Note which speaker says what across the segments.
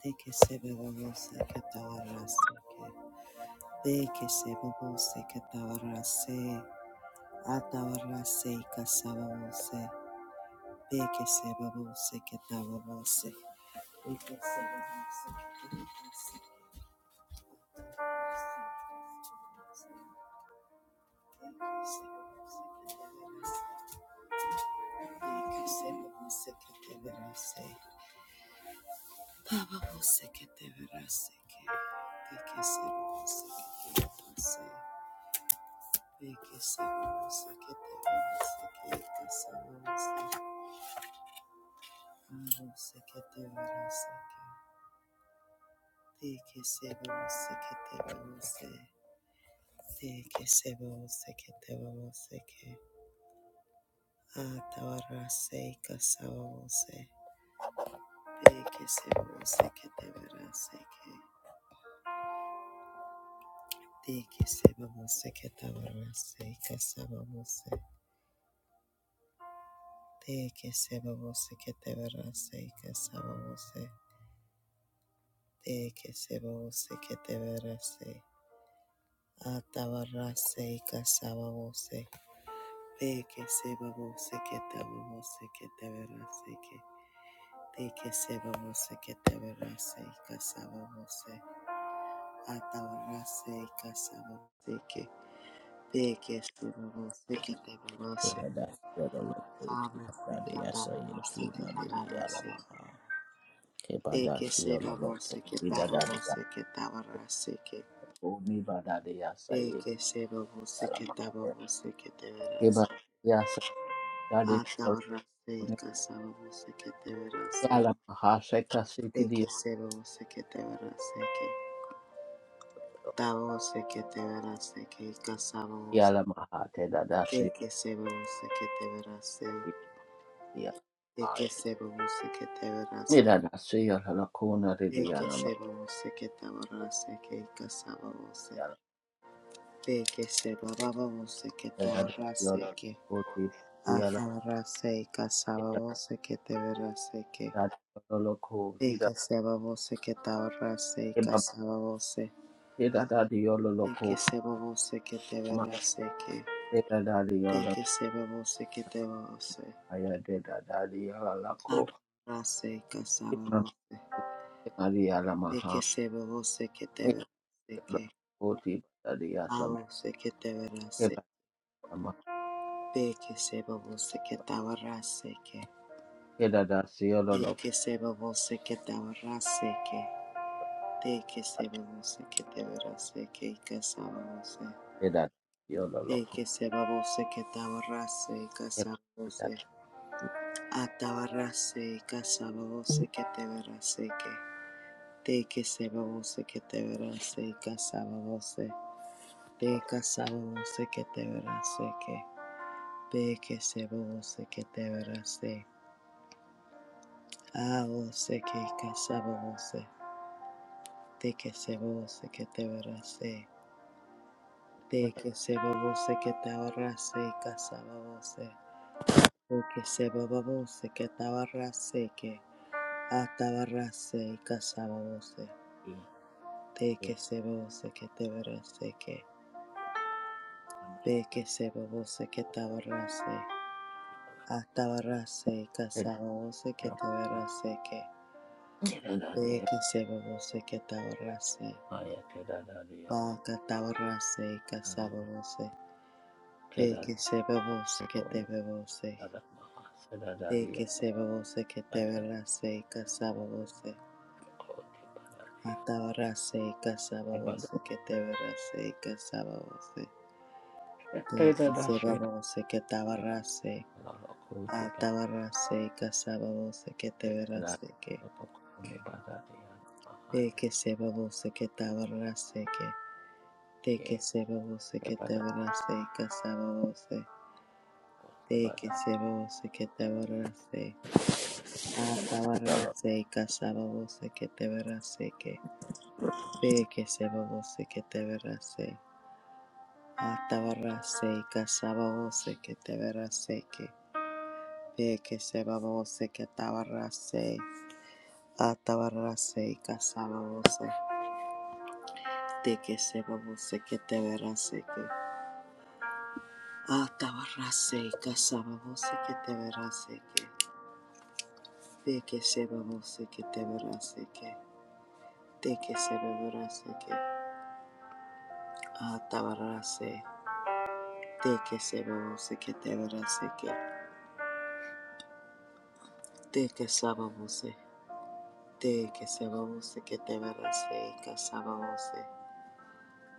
Speaker 1: Teke sebe bobo seke tawara seke. Teke sebe bobo seke tawara se. Atawara se kasaba bobo se. Teke sebe bobo seke tawara se. Teke sebe bobo seke tawara se. Teke sebe bobo seke se. Taba bobo seke tawara seke. Teke sebe bobo seke se. Te que que se vos que te you. Atabarase kasababose. Peke sebabose ketababose ketabarase ke. Teke sebabose ketabarase kasababose. Atabarase kasababose ke. Peke sebabose
Speaker 2: Kebada
Speaker 1: ketababose. Abose ketababose ketabarase ke. Peke sebabose ketababose ketabarase ke. Peke sebabose ketababose ketabarase Atabarase kasabose keteberase ekesebose keteberase ke tabose keteberase ke kasabose ekesebose keteberase ekesebose keteberase ekesebose keteberase ke kasabose ekesebababose keteberase ke atabarase kasabose keteberase ke ekesebose keteberase kasabose Teke sebabo seke tebera seke.
Speaker 2: Deda dadi
Speaker 1: Teke
Speaker 2: yala
Speaker 1: que seke tebabo se.
Speaker 2: maya deda dadi yala lako
Speaker 1: Abra seke
Speaker 2: imam
Speaker 1: sababo se.
Speaker 2: dadi yala maha
Speaker 1: Teke sebabo se tebera
Speaker 2: yala
Speaker 1: seke.
Speaker 2: koti dadi yasam
Speaker 1: Alo seke tebera se.
Speaker 2: keba sama
Speaker 1: que sebabo seke tabara seke.
Speaker 2: keda dasi yala loko
Speaker 1: Teke sebabo seke tabara seke. Teke sebabo seke tebera seke ikasababo se.
Speaker 2: keda yala loko
Speaker 1: Teke sebabo seke tabara se que te ikasababo se. que te verase
Speaker 2: keba keda
Speaker 1: casabose Atabarrase, casabose que te verase que. Te que se babose que te verase, casabose. Te
Speaker 2: yos
Speaker 1: casabose que te verase que. Te que se babose que te verase. Abose que casabose. Te que se babose que te verase. Te
Speaker 2: keda
Speaker 1: que se babose que te verase, casabose. Te que se babose que te verase que. Atabarrase, casabose.
Speaker 2: i
Speaker 1: Te que se vose que te verase que ve que se vose que te verase hasta verase que se que
Speaker 2: yala
Speaker 1: te verase que
Speaker 2: keda dadi
Speaker 1: ve que se vose que te verase
Speaker 2: Aya keda dadi yoro
Speaker 1: va que te verase que se
Speaker 2: darama
Speaker 1: ve
Speaker 2: keda
Speaker 1: que se vose que te
Speaker 2: kono
Speaker 1: vose
Speaker 2: darama seda
Speaker 1: de
Speaker 2: dadi
Speaker 1: que se vose que te
Speaker 2: ada
Speaker 1: verase que se
Speaker 2: ko tiba dadi
Speaker 1: hasta verase que se
Speaker 2: tiba
Speaker 1: que te verase que se vose que
Speaker 2: keda
Speaker 1: se
Speaker 2: dasi
Speaker 1: vose que te verase
Speaker 2: loro ko tiba
Speaker 1: Atabarase kasababose que te
Speaker 2: keda
Speaker 1: verase que
Speaker 2: loro ko tiba dadi
Speaker 1: de
Speaker 2: mahaya
Speaker 1: que se babose que tabarase que de que
Speaker 2: ye
Speaker 1: se babose que
Speaker 2: tiba
Speaker 1: te
Speaker 2: dadi
Speaker 1: verase kasababose de
Speaker 2: tiba
Speaker 1: que
Speaker 2: dadi
Speaker 1: se babose que te verase
Speaker 2: yoro
Speaker 1: Atabarase kasababose que te verase que de que se babose que te verase Atabarase kasababose que te verase que de que se babose que tabarase Atabarase kasababose que Teke sebabose que te verase que atabarase casababose que sababose que te verase que de que teke sebabose que te verase que de que teke sebaborase que atabarase teke sebabose que se babose que te verase que teke sababose de que se. sebabose que te verás, verase casababose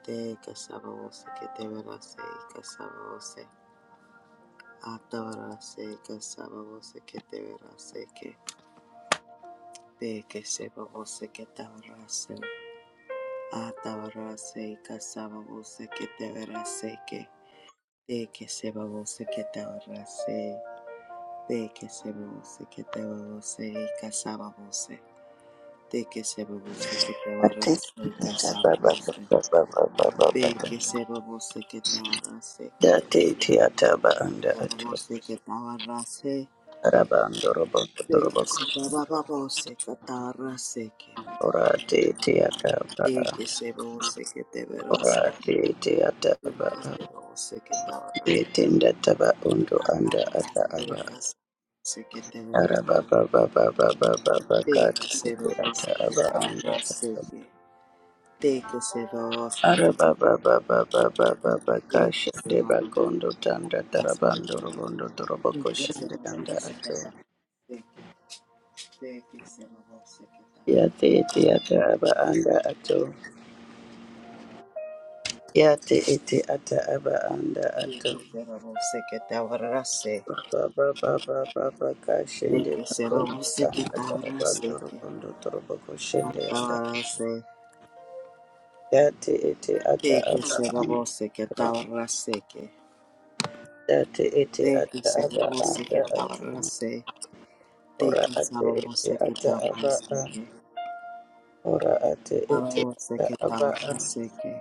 Speaker 1: teke sababose que te verás, verase casababose atabarase casababose que sababose que te verase que De que se babose que tabarase, atabarase y casaba casababose que te verase que, de que se babose que tabarase, de que se babose que te tabarase y casaba casababose, de que se babose que te
Speaker 3: Ate
Speaker 1: tabarase y
Speaker 3: ata
Speaker 1: casaba
Speaker 3: baba
Speaker 1: casababose,
Speaker 3: baba baba baba
Speaker 1: de
Speaker 3: baba.
Speaker 1: que se babose que te tabarase que,
Speaker 3: Dati ti ba ata ba anda
Speaker 1: se
Speaker 3: ato.
Speaker 1: babose que tabarase, de que se babose que tabarase que, de que se
Speaker 3: Araba ando robo ando robo kusha. Ora ti te ata ba.
Speaker 1: babose que te verase
Speaker 3: Ora te te ata ba.
Speaker 1: Requesero secretara
Speaker 3: Te te undo anda
Speaker 1: atara
Speaker 3: ata aba.
Speaker 1: secas secretera
Speaker 3: Araba baba baba baba baba ba
Speaker 1: teke
Speaker 3: ti ba ka
Speaker 1: sero
Speaker 3: ata aba anda
Speaker 1: secretara
Speaker 3: ato.
Speaker 1: seke teke sero secretara
Speaker 3: Araba baba baba baba ba ba ba ba ka
Speaker 1: teke
Speaker 3: shende
Speaker 1: sero
Speaker 3: ba kondo tanda tarabando
Speaker 1: seke
Speaker 3: robo ando robo
Speaker 1: teke sero
Speaker 3: anda ato.
Speaker 1: secretara seke teke sero secretara
Speaker 3: Yate ete ata aba anda ato. Yate ete ata aba anda ato.
Speaker 1: teke sero secretara se
Speaker 3: Baba baba baba baka shende
Speaker 1: teke sero
Speaker 3: bako. Tanda
Speaker 1: secretara
Speaker 3: baba doro
Speaker 1: seke
Speaker 3: kondo toro bako shende anda.
Speaker 1: atara se
Speaker 3: Yate ete ata
Speaker 1: teke
Speaker 3: aba anda
Speaker 1: sero
Speaker 3: ato.
Speaker 1: secretara seke
Speaker 3: Yate ete
Speaker 1: De que
Speaker 3: ata
Speaker 1: se
Speaker 3: aba
Speaker 1: use
Speaker 3: anda
Speaker 1: que
Speaker 3: ato.
Speaker 1: tabarrase, de
Speaker 3: Ora
Speaker 1: que
Speaker 3: ate ete
Speaker 1: sababose que
Speaker 3: ata aba
Speaker 1: tabarrase
Speaker 3: a.
Speaker 1: que,
Speaker 3: Ora ate ete
Speaker 1: ababose
Speaker 3: ata
Speaker 1: que
Speaker 3: aba a.
Speaker 1: tabarrase que,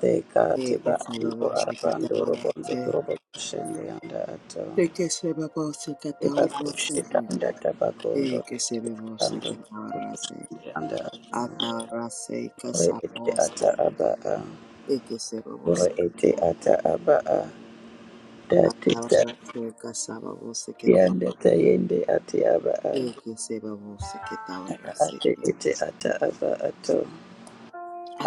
Speaker 3: Deka
Speaker 1: de
Speaker 3: ate
Speaker 1: que
Speaker 3: ba ando
Speaker 1: sababose que
Speaker 3: arabando robondo
Speaker 1: tabarrase,
Speaker 3: toro bako shende anda ato.
Speaker 1: de que se babose que tabarrase que,
Speaker 3: Ebakushikanda tabakondo
Speaker 1: de que se babose
Speaker 3: ando
Speaker 1: que tabarrase,
Speaker 3: anda
Speaker 1: atabarrase y
Speaker 3: ore ete ata
Speaker 1: casabose,
Speaker 3: aba a
Speaker 1: de que se babose,
Speaker 3: ore ete ata aba a date ta
Speaker 1: atabarrase y casabose que te,
Speaker 3: yanda ta yende ate aba a
Speaker 1: de que se babose que
Speaker 3: ara
Speaker 1: tabarrase
Speaker 3: ate
Speaker 1: que,
Speaker 3: ete ata aba ato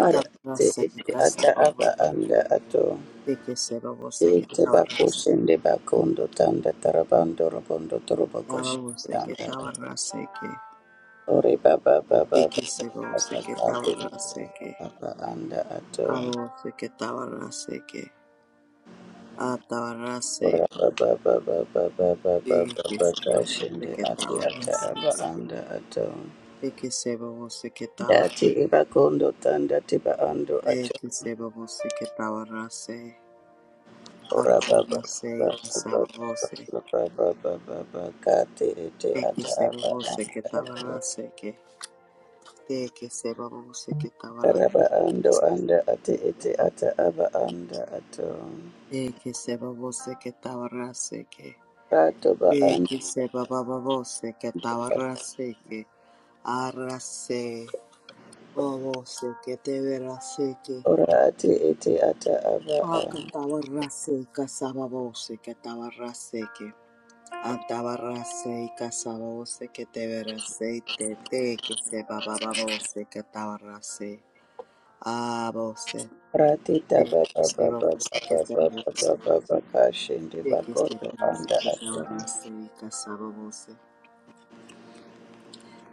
Speaker 3: ara ate
Speaker 1: y
Speaker 3: ete ata aba
Speaker 1: casabose.
Speaker 3: anda ato
Speaker 1: Seke seba wo seke
Speaker 3: ete
Speaker 1: tawa rase.
Speaker 3: bakushende bakondo tanda tarabando robondo
Speaker 1: Yawa
Speaker 3: torobokoshende
Speaker 1: wo seke
Speaker 3: anda
Speaker 1: tawa raseke.
Speaker 3: ore baba baba baba
Speaker 1: Seke seba wo
Speaker 3: baba
Speaker 1: seke tawa
Speaker 3: kate ete
Speaker 1: raseke.
Speaker 3: aba anda ato
Speaker 1: Awa wo seke tawa raseke. A rase. Seke seba wo
Speaker 3: Rababababababababakashinde
Speaker 1: seke
Speaker 3: ati
Speaker 1: tawa
Speaker 3: ata aba
Speaker 1: raseke.
Speaker 3: anda ato.
Speaker 1: Seke seba wo seke tawa
Speaker 3: Dati iba kondo tanda tiba ando ato.
Speaker 1: Seke seba wo seke tawa rase. A rase ke seba wo se.
Speaker 3: Rababababababababababakati ete
Speaker 1: Seke
Speaker 3: ata
Speaker 1: seba
Speaker 3: aba
Speaker 1: wo seke
Speaker 3: anda
Speaker 1: tawa
Speaker 3: ato.
Speaker 1: raseke. Seke seba wo seke tawa
Speaker 3: Raba ando
Speaker 1: raseke.
Speaker 3: anda ati ete ata aba anda ato.
Speaker 1: De que se babose que tabarrase que.
Speaker 3: Rato ba
Speaker 1: De
Speaker 3: anda
Speaker 1: que se bababose que
Speaker 3: ato.
Speaker 1: tabarrase que. Arrase. Babose que te verase que.
Speaker 3: Ora ati ete ata aba
Speaker 1: Aca
Speaker 3: a.
Speaker 1: tabarrase que sababose que tabarrase que. Antabarrase y casabose que te verase te. De que se bababose que tabarrase. Abose.
Speaker 3: Ratita
Speaker 1: De
Speaker 3: baba
Speaker 1: que se
Speaker 3: baba baba
Speaker 1: babose que te verase.
Speaker 3: baba baba baba shindi
Speaker 1: De que se
Speaker 3: bakoto
Speaker 1: babose
Speaker 3: anda
Speaker 1: que
Speaker 3: atwa.
Speaker 1: tabarrase y casabose.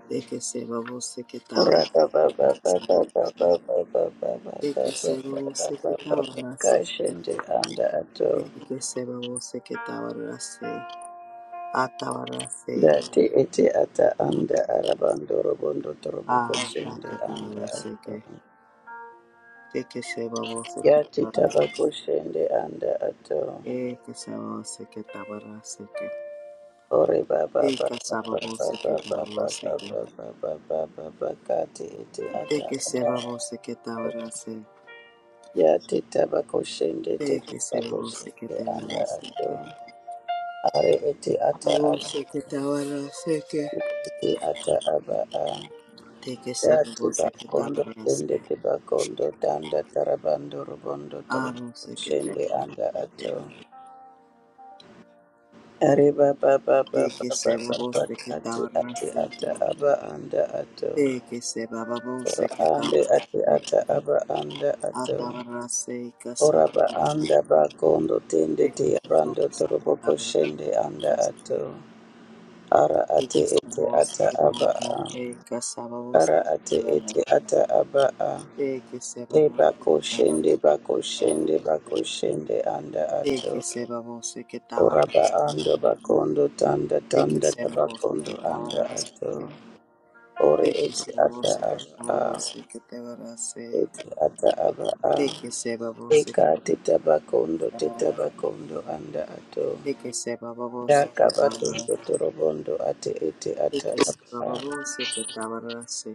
Speaker 1: De que se robó, se que estaba
Speaker 3: Urata
Speaker 1: de que
Speaker 3: baba
Speaker 1: se robó,
Speaker 3: baba baba
Speaker 1: se-
Speaker 3: baba baba
Speaker 1: de que
Speaker 3: baba
Speaker 1: se se
Speaker 3: baba
Speaker 1: que
Speaker 3: baba
Speaker 1: estaba raso,
Speaker 3: kashindi anda
Speaker 1: de
Speaker 3: ato.
Speaker 1: que se robó, se que estaba raso, ataba raso,
Speaker 3: Dati iti ata anda arabando robondo toroboko
Speaker 1: ah,
Speaker 3: shindi anda ato.
Speaker 1: que- de que se robó, se que
Speaker 3: Yati
Speaker 1: estaba raso,
Speaker 3: tabako shindi anda ato.
Speaker 1: de que se robó, se que estaba raso, que-
Speaker 3: Ore baba
Speaker 1: de
Speaker 3: baba
Speaker 1: que se
Speaker 3: baba
Speaker 1: robó, se que
Speaker 3: baba
Speaker 1: estaba
Speaker 3: baba
Speaker 1: que-
Speaker 3: baba baba baba kati iti
Speaker 1: de
Speaker 3: ata
Speaker 1: que se
Speaker 3: anda
Speaker 1: robó, se que estaba
Speaker 3: ato.
Speaker 1: raso,
Speaker 3: Ya teta bako shende
Speaker 1: de
Speaker 3: teta
Speaker 1: que se
Speaker 3: bako
Speaker 1: robó, se que
Speaker 3: shende
Speaker 1: estaba
Speaker 3: anda
Speaker 1: raso, que-
Speaker 3: ato. Are ete ata
Speaker 1: robó,
Speaker 3: aba
Speaker 1: se que estaba que-
Speaker 3: ete ata aba a.
Speaker 1: Take a
Speaker 3: Ya
Speaker 1: seven boss the
Speaker 3: teba kondo
Speaker 1: catabarase.
Speaker 3: tende teba kondo tanda tarabando robondo torobo
Speaker 1: Amo secretary.
Speaker 3: shende anda ato. Are baba baba
Speaker 1: Take a
Speaker 3: baba
Speaker 1: seven boss
Speaker 3: baba
Speaker 1: the
Speaker 3: ate ate
Speaker 1: catabarase.
Speaker 3: ata aba anda ato.
Speaker 1: Take a seven babos
Speaker 3: Ora
Speaker 1: the
Speaker 3: ande ate
Speaker 1: catabarase.
Speaker 3: ata aba anda ato.
Speaker 1: Atabarase
Speaker 3: Oraba
Speaker 1: casamosa.
Speaker 3: anda bakondo tende
Speaker 1: Take a
Speaker 3: te
Speaker 1: seven
Speaker 3: abando
Speaker 1: boss the
Speaker 3: toroboko
Speaker 1: catabarase.
Speaker 3: shende anda ato. Ara
Speaker 1: Take a
Speaker 3: ate
Speaker 1: seven
Speaker 3: ete
Speaker 1: boss
Speaker 3: ata
Speaker 1: the
Speaker 3: aba a.
Speaker 1: catabarase. Casabos
Speaker 3: Ara
Speaker 1: the
Speaker 3: ate
Speaker 1: catabarase.
Speaker 3: ete ata aba a.
Speaker 1: Take a seven
Speaker 3: Te
Speaker 1: boss
Speaker 3: bako
Speaker 1: the catabarase.
Speaker 3: shende bako shende bako shende anda
Speaker 1: Take a
Speaker 3: ato.
Speaker 1: seven boss the
Speaker 3: Oraba ando
Speaker 1: catabarase.
Speaker 3: bakondo tanda
Speaker 1: Take a
Speaker 3: tanda
Speaker 1: seven boss the
Speaker 3: tabakondo anda
Speaker 1: catabarase.
Speaker 3: ato. Ore
Speaker 1: Thank you,
Speaker 3: ete
Speaker 1: Seva
Speaker 3: ata
Speaker 1: Vose
Speaker 3: aba a.
Speaker 1: Kavarase Kavarase.
Speaker 3: Ete ata aba a.
Speaker 1: Thank you, Seva Vose
Speaker 3: Eka te tabakondo te
Speaker 1: Kavarase.
Speaker 3: tabakondo anda ato.
Speaker 1: Thank you, Seva Vose
Speaker 3: Yakabato
Speaker 1: Kavarase.
Speaker 3: Sotorobondo ate ete
Speaker 1: Thank
Speaker 3: ata
Speaker 1: you, Seva
Speaker 3: apa
Speaker 1: Vose Kavarase.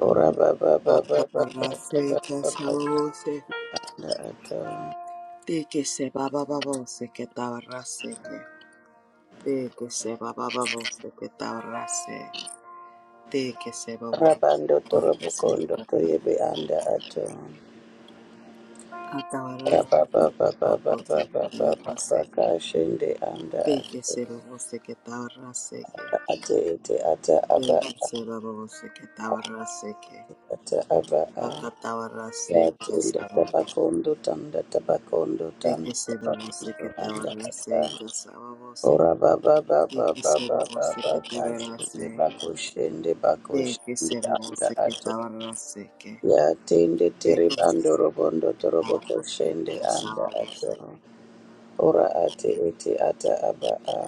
Speaker 3: ora baba baba baba
Speaker 1: Kavarase
Speaker 3: baba baba
Speaker 1: Kasava Vose.
Speaker 3: kanda ato
Speaker 1: Thank you, Seva Baba Vose Kavarase. Thank you, Seva Baba Vose Kavarase. Thank you, Seva Vose Kavarase.
Speaker 3: rabando torobo kondo toyebe anda ato raba
Speaker 1: Atavarase
Speaker 3: baba
Speaker 1: Kasava
Speaker 3: baba
Speaker 1: Vose
Speaker 3: baba baba
Speaker 1: Kavarase.
Speaker 3: baba anda
Speaker 1: Thank you,
Speaker 3: ato
Speaker 1: Seva Vose Kavarase.
Speaker 3: ate ete ata aba
Speaker 1: Shake it, say, Baba, we'll shake it, Tawa, Rara, shake it.
Speaker 3: ata aba a
Speaker 1: Aka, Tawa, Rara,
Speaker 3: ya
Speaker 1: shake it,
Speaker 3: tunda
Speaker 1: Saba, we'll
Speaker 3: tabakondo tanda tabakondo
Speaker 1: shake
Speaker 3: tanda
Speaker 1: it, say, Baba, we'll shake
Speaker 3: tabakondo
Speaker 1: it, Tawa,
Speaker 3: anda
Speaker 1: Rara,
Speaker 3: ata
Speaker 1: shake it, Saba, we'll shake
Speaker 3: Ora ba ba ba ba
Speaker 1: it,
Speaker 3: ba
Speaker 1: say,
Speaker 3: ba
Speaker 1: Baba, we'll
Speaker 3: ba ba
Speaker 1: shake it, Tawa, Rara,
Speaker 3: kashende
Speaker 1: shake
Speaker 3: bakoshende
Speaker 1: it. Shake it,
Speaker 3: bakoshende
Speaker 1: say, Baba, we'll
Speaker 3: anda
Speaker 1: shake it,
Speaker 3: ato
Speaker 1: Tawa, Rara, shake it.
Speaker 3: yatende
Speaker 1: Shake it,
Speaker 3: tere
Speaker 1: say,
Speaker 3: bando robondo torobo koshende anda
Speaker 1: Baba,
Speaker 3: atoro ora ate ete ata aba a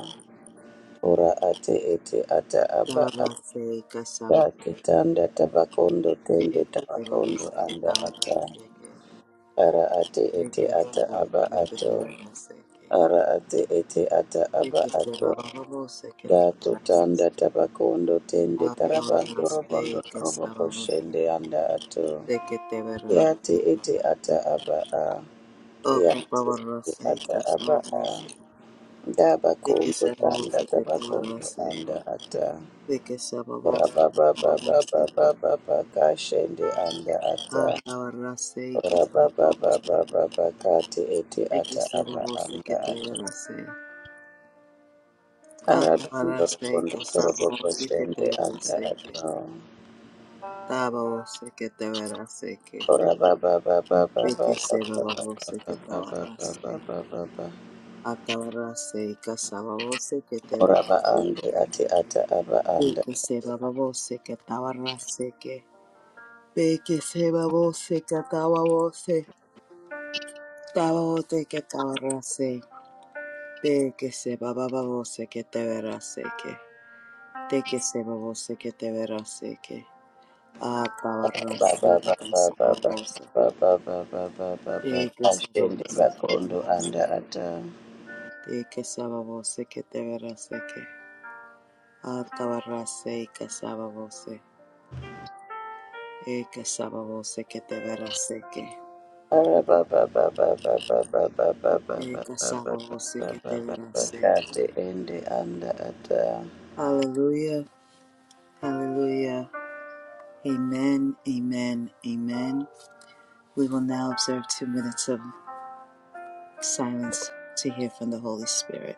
Speaker 3: ora ate ete ata aba
Speaker 1: Tawa,
Speaker 3: a
Speaker 1: Rara, shake it,
Speaker 3: taketanda tabakondo tende tabakondo anda ata ara ate ete ata aba ato ara ate ete ata aba ato Dato tanda tabakondo tende tarabando
Speaker 1: Aporrase
Speaker 3: robondo
Speaker 1: que
Speaker 3: torobo
Speaker 1: sábado sé
Speaker 3: koshende anda ato.
Speaker 1: que te verás
Speaker 3: Yate ete ata aba a. Yate
Speaker 1: Ocupaba
Speaker 3: ete
Speaker 1: rase
Speaker 3: ata
Speaker 1: que
Speaker 3: aba
Speaker 1: sábado
Speaker 3: a.
Speaker 1: sé
Speaker 3: Daba
Speaker 1: que
Speaker 3: kondo
Speaker 1: sábado
Speaker 3: tanda
Speaker 1: sé que te verás
Speaker 3: tabakondo
Speaker 1: sé
Speaker 3: anda ata.
Speaker 1: que sábado sé
Speaker 3: Raba ba ba ba ba
Speaker 1: que
Speaker 3: ba ba ba kashende anda ata.
Speaker 1: acaba rase que
Speaker 3: Raba ba
Speaker 1: sábado
Speaker 3: ba ba
Speaker 1: sé
Speaker 3: ba ba kate ete
Speaker 1: que
Speaker 3: ata aba
Speaker 1: sábado sé que
Speaker 3: anda
Speaker 1: te
Speaker 3: ato.
Speaker 1: verás
Speaker 3: Arado
Speaker 1: acaba rase
Speaker 3: robondo
Speaker 1: que
Speaker 3: torobo
Speaker 1: sábado sé que te
Speaker 3: koshende
Speaker 1: verás
Speaker 3: anda
Speaker 1: que
Speaker 3: ato.
Speaker 1: sábado sé que te verás que sé que
Speaker 3: Ora ba ba ba ba ba ba ba ba ba ba
Speaker 1: sábado sé que
Speaker 3: ba
Speaker 1: te
Speaker 3: ba ba
Speaker 1: verás
Speaker 3: ba ba ba. ba.
Speaker 1: Atabarase kasababose que te
Speaker 3: Ora ba
Speaker 1: verase.
Speaker 3: ande ate ata aba anda.
Speaker 1: Peke seba babose que tabarase que. Peke seba bose que tababose. Tababote que tabarase. Peke seba babose que te verase que. Teke seba bose que te verase que.
Speaker 3: Ba
Speaker 1: Atabarase
Speaker 3: ba ba ba ba ba
Speaker 1: kasababose.
Speaker 3: ba ba ba ba ba ba ba.
Speaker 1: Peke seba
Speaker 3: Ashende
Speaker 1: bose que
Speaker 3: bakondo anda
Speaker 1: tabarase.
Speaker 3: ata.
Speaker 1: Teke seba bose que te verase que. Atabarase kasababose. Eka sababo se que te verás se que.
Speaker 3: Ora ba ba ba ba ba ba ba ba ba ba ba ba
Speaker 1: Eka
Speaker 3: ba
Speaker 1: sababo se que
Speaker 3: ba
Speaker 1: te
Speaker 3: ba ba
Speaker 1: verás
Speaker 3: ba.
Speaker 1: se.
Speaker 3: Kate ende anda ata.
Speaker 1: Hallelujah, hallelujah. Amen, amen, amen. We will now observe two minutes of silence to hear from the Holy Spirit.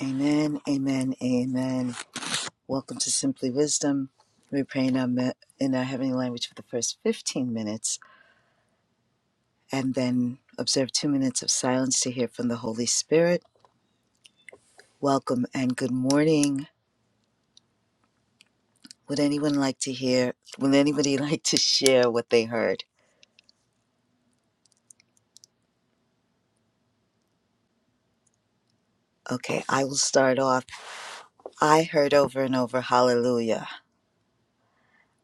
Speaker 1: Amen, amen, amen. Welcome to Simply Wisdom. We pray in our, in our heavenly language for the first 15 minutes and then observe two minutes of silence to hear from the Holy Spirit. Welcome and good morning. Would anyone like to hear? Would anybody like to share what they heard? Okay, I will start off. I heard over and over hallelujah.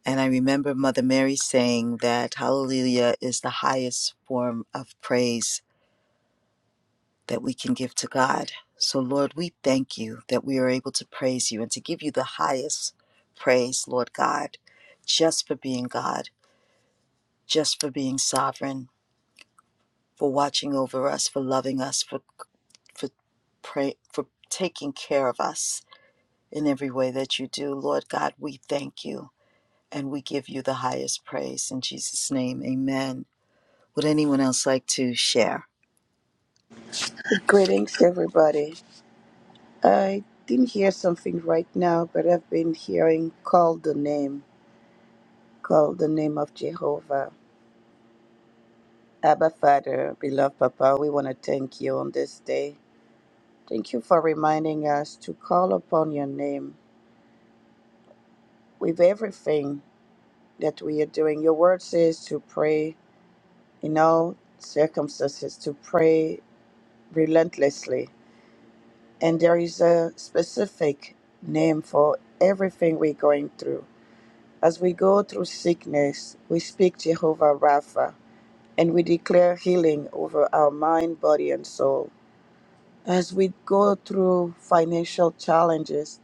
Speaker 1: And I remember Mother Mary saying that hallelujah is the highest form of praise that we can give to God. So, Lord, we thank you that we are able to praise you and to give you the highest praise, Lord God, just for being God, just for being sovereign, for watching over us, for loving us, for for pray for taking care of us in every way that you do. Lord God, we thank you and we give you the highest praise in Jesus name. Amen. Would anyone else like to share?
Speaker 3: Greetings, everybody. I didn't hear something right now, but I've been hearing call the name. Call the name of Jehovah. Abba Father, beloved Papa, we want to thank you on this day. Thank you for reminding us to call upon your name with everything that we are doing. Your word says to pray in all circumstances, to pray relentlessly. And there is a specific name for everything we're going through. As we go through sickness, we speak Jehovah Rapha and we declare healing over our mind, body, and soul. As we go through financial challenges,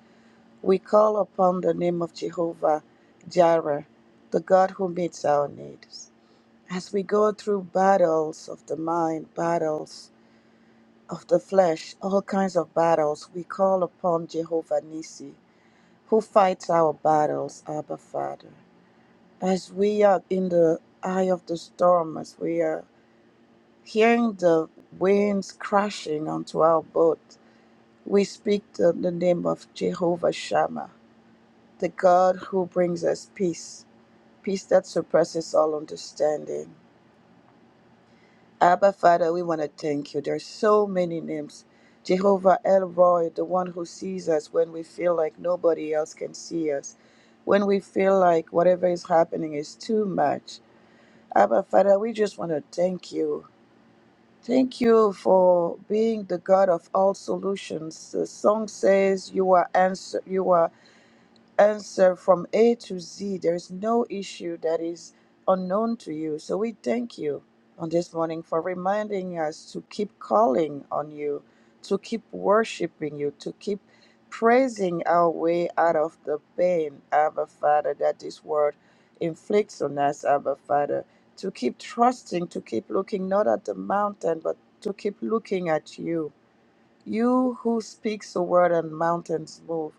Speaker 3: we call upon the name of Jehovah Jireh, the God who meets our needs. As we go through battles of the mind, battles of the flesh, all kinds of battles, we call upon Jehovah Nissi, who fights our battles, Abba Father. As we are in the eye of the storm, as we are hearing the winds crashing onto our boat, We speak the, the name of Jehovah Shammah, the God who brings us peace, peace that surpasses all understanding. Abba, Father, we want to thank you. There are so many names. Jehovah Elroy, the one who sees us when we feel like nobody else can see us, when we feel like whatever is happening is too much. Abba, Father, we just want to thank you. Thank you for being the God of all solutions. The song says you are answer you are answer from A to Z. There is no issue that is unknown to you. So we thank you on this morning for reminding us to keep calling on you, to keep worshiping you, to keep praising our way out of the pain, Abba Father, that this world inflicts on us, Abba Father, to keep trusting, to keep looking not at the mountain, but to keep looking at you you who speaks a word and mountains move.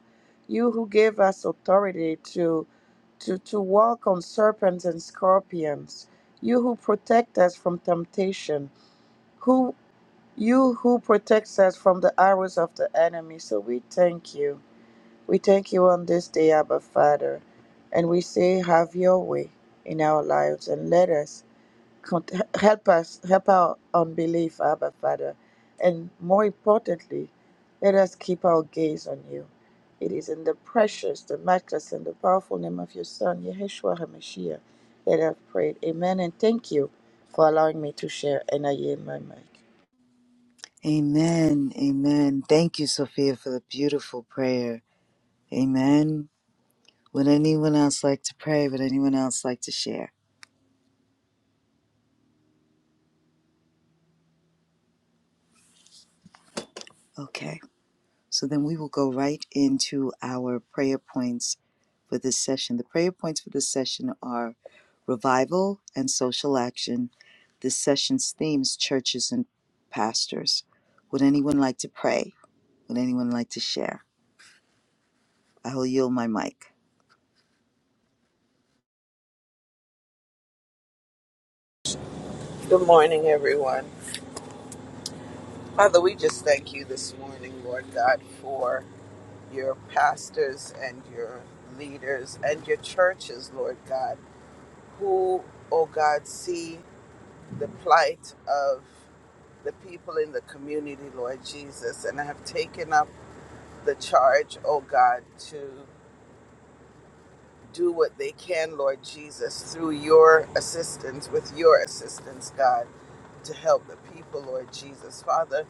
Speaker 3: You who gave us authority to, to, to walk on serpents and scorpions. You who protect us from temptation. Who you who protects us from the arrows of the enemy. So we thank you. We thank you on this day, Abba Father. And we say, have your way in our lives and let us Cont- Help us, help our unbelief, Abba Father. And more importantly, let us keep our gaze on you. It is in the precious, the matchless, and the powerful name of your Son, Yeshua HaMashiach, that I've prayed. Amen. And thank you for allowing me to share. And I yield my mic.
Speaker 1: Amen. Amen. Thank you Sophia for the beautiful prayer. Amen. Would anyone else like to pray? Would anyone else like to share? Okay. So then we will go right into our prayer points for this session. The prayer points for this session are revival and social action. This session's themes churches and pastors. Would anyone like to pray? Would anyone like to share? I will yield my mic.
Speaker 4: Good morning, everyone. Father, we just thank you this morning, Lord God, for your pastors and your leaders and your churches, Lord God, who, oh God, see the plight of the people in the community, Lord Jesus, and have taken up the charge, oh God, to do what they can, Lord Jesus, through your assistance, with your assistance, God. to help the people, Lord Jesus. Father,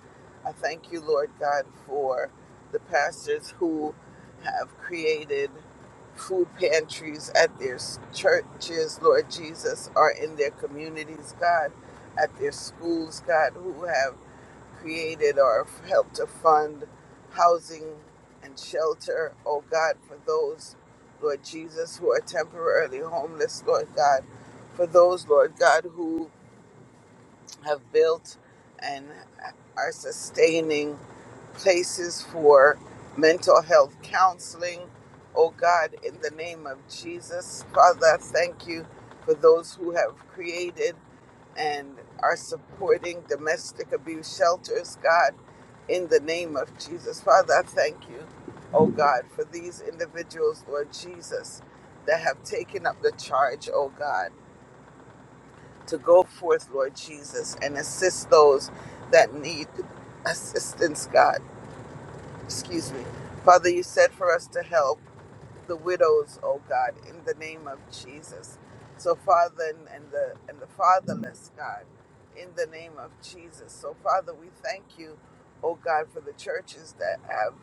Speaker 4: I thank you, Lord God, for the pastors who have created food pantries at their churches, Lord Jesus, or in their communities, God, at their schools, God, who have created or helped to fund housing and shelter, oh God, for those, Lord Jesus, who are temporarily homeless, Lord God, for those, Lord God, who have built and are sustaining places for mental health counseling. Oh God, in the name of Jesus, Father, I thank you for those who have created and are supporting domestic abuse shelters, God, in the name of Jesus. Father, I thank you, oh God, for these individuals, Lord Jesus, that have taken up the charge, oh God to go forth, Lord Jesus, and assist those that need assistance, God. Excuse me. Father, you said for us to help the widows, oh God, in the name of Jesus. So Father and, and the and the fatherless, God, in the name of Jesus. So Father, we thank you, oh God, for the churches that have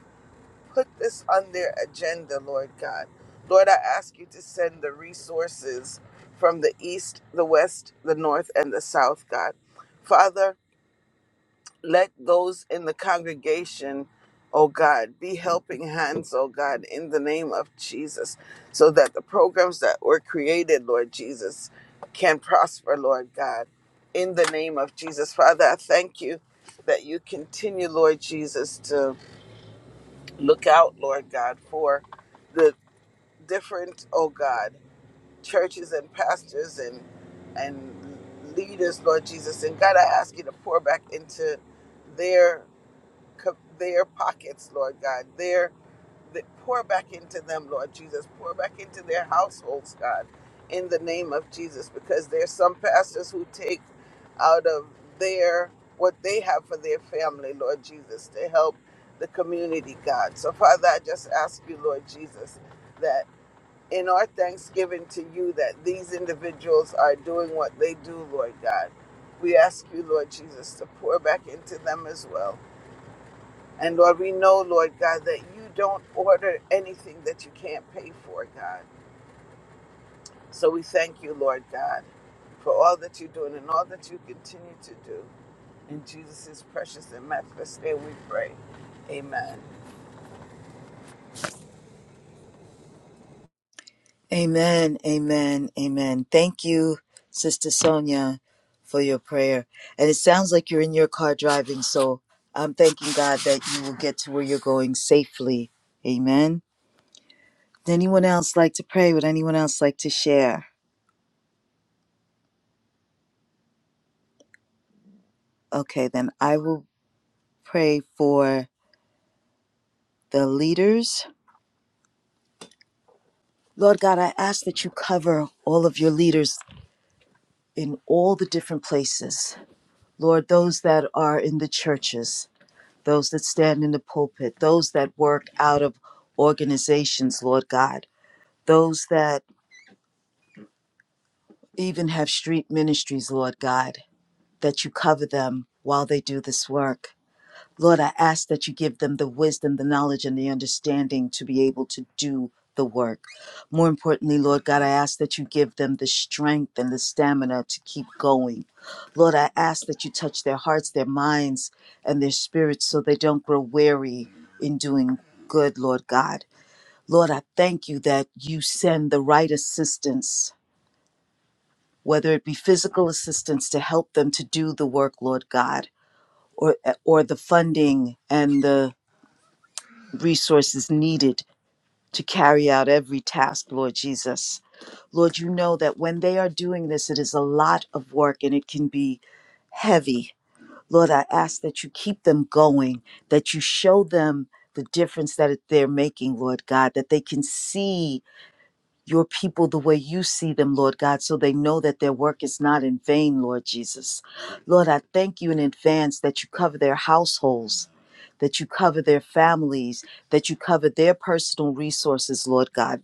Speaker 4: put this on their agenda, Lord God. Lord, I ask you to send the resources from the east, the west, the north, and the south, God. Father, let those in the congregation, oh God, be helping hands, oh God, in the name of Jesus, so that the programs that were created, Lord Jesus, can prosper, Lord God, in the name of Jesus. Father, I thank you that you continue, Lord Jesus, to Look out, Lord God, for the different, oh God, churches and pastors and and leaders, Lord Jesus. And God, I ask you to pour back into their co- their pockets, Lord God, their that pour back into them, Lord Jesus. Pour back into their households, God, in the name of Jesus, because there's some pastors who take out of their what they have for their family, Lord Jesus, to help the community, God. So, Father, I just ask you, Lord Jesus, that in our thanksgiving to you, that these individuals are doing what they do, Lord God. We ask you, Lord Jesus, to pour back into them as well and Lord, we know, Lord God, that you don't order anything that you can't pay for, God. So we thank you, Lord God, for all that you're doing and all that you continue to do. In Jesus' precious and matchless name we pray. Amen.
Speaker 1: Amen. Amen. Amen. Thank you, Sister Sonia, for your prayer. And it sounds like you're in your car driving, so I'm thanking God that you will get to where you're going safely. Amen. Would anyone else like to pray? Would anyone else like to share? Okay, then I will pray for the leaders. Lord God, I ask that you cover all of your leaders in all the different places. Lord, those that are in the churches, those that stand in the pulpit, those that work out of organizations, Lord God, those that even have street ministries, Lord God, that you cover them while they do this work. Lord, I ask that you give them the wisdom, the knowledge, and the understanding to be able to do the work. More importantly, Lord God, I ask that you give them the strength and the stamina to keep going. Lord, I ask that you touch their hearts, their minds, and their spirits so they don't grow weary in doing good, Lord God. Lord, I thank you that you send the right assistance, whether it be physical assistance to help them to do the work, Lord God, or or the funding and the resources needed to carry out every task, Lord Jesus. Lord, you know that when they are doing this, it is a lot of work and it can be heavy. Lord, I ask that you keep them going, that you show them the difference that it- they're making, Lord God, that they can see your people the way you see them, Lord God, so they know that their work is not in vain, Lord Jesus. Lord, I thank you in advance that you cover their households that you cover their families, that you cover their personal resources, Lord God.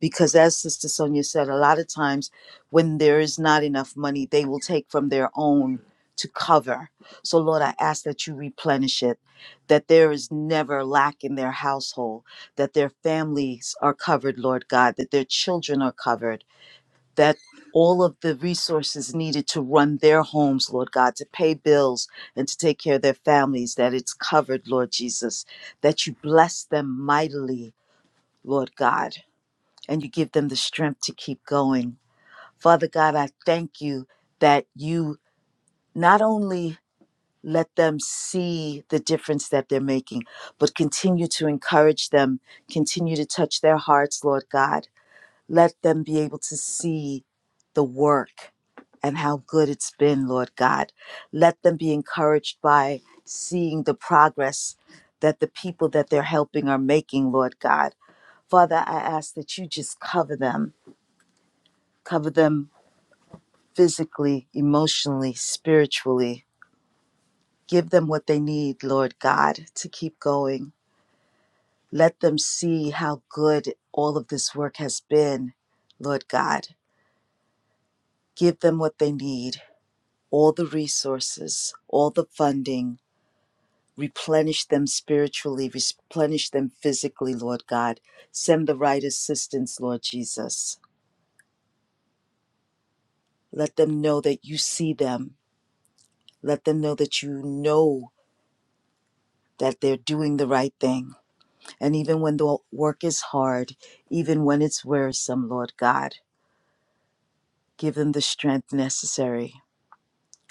Speaker 1: Because as Sister Sonia said, a lot of times when there is not enough money, they will take from their own to cover. So, Lord, I ask that you replenish it, that there is never lack in their household, that their families are covered, Lord God, that their children are covered that all of the resources needed to run their homes, Lord God, to pay bills and to take care of their families, that it's covered, Lord Jesus, that you bless them mightily, Lord God, and you give them the strength to keep going. Father God, I thank you that you not only let them see the difference that they're making, but continue to encourage them, continue to touch their hearts, Lord God let them be able to see the work and how good it's been, Lord God. Let them be encouraged by seeing the progress that the people that they're helping are making, Lord God. Father, I ask that you just cover them, cover them physically, emotionally, spiritually. Give them what they need, Lord God, to keep going. Let them see how good all of this work has been, Lord God. Give them what they need all the resources, all the funding. Replenish them spiritually, replenish them physically, Lord God. Send the right assistance, Lord Jesus. Let them know that you see them. Let them know that you know that they're doing the right thing. And even when the work is hard, even when it's wearisome, Lord God, give them the strength necessary.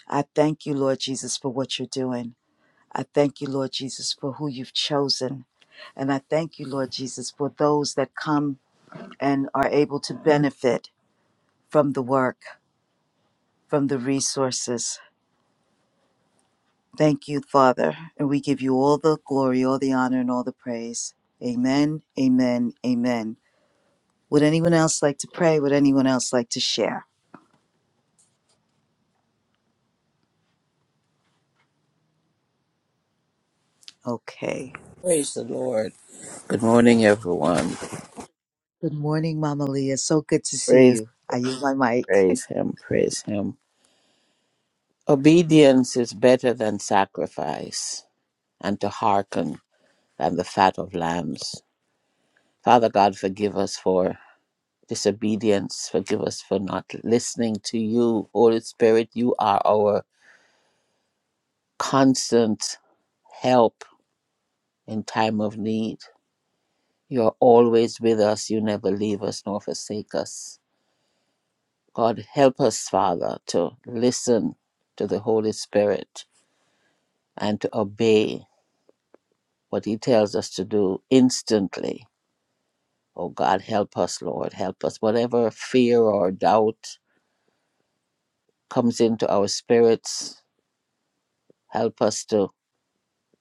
Speaker 1: I thank you, Lord Jesus, for what you're doing. I thank you, Lord Jesus, for who you've chosen. And I thank you, Lord Jesus, for those that come and are able to benefit from the work, from the resources. Thank you, Father. And we give you all the glory, all the honor, and all the praise. Amen, amen, amen. Would anyone else like to pray? Would anyone else like to share? Okay.
Speaker 2: praise the Lord good morning everyone
Speaker 1: Good morning, Mama Leah. So good to see
Speaker 2: praise
Speaker 1: you. I use my mic.
Speaker 2: praise Him praise Him obedience is better than sacrifice and to hearken than the fat of lambs Father God, forgive us for disobedience. Forgive us for not listening to you. Holy Spirit, you are our constant help in time of need. You're always with us. You never leave us nor forsake us. God, help us, Father, to listen to the Holy Spirit and to obey what He tells us to do instantly. Oh God, help us, Lord. Help us. Whatever fear or doubt comes into our spirits, Help us to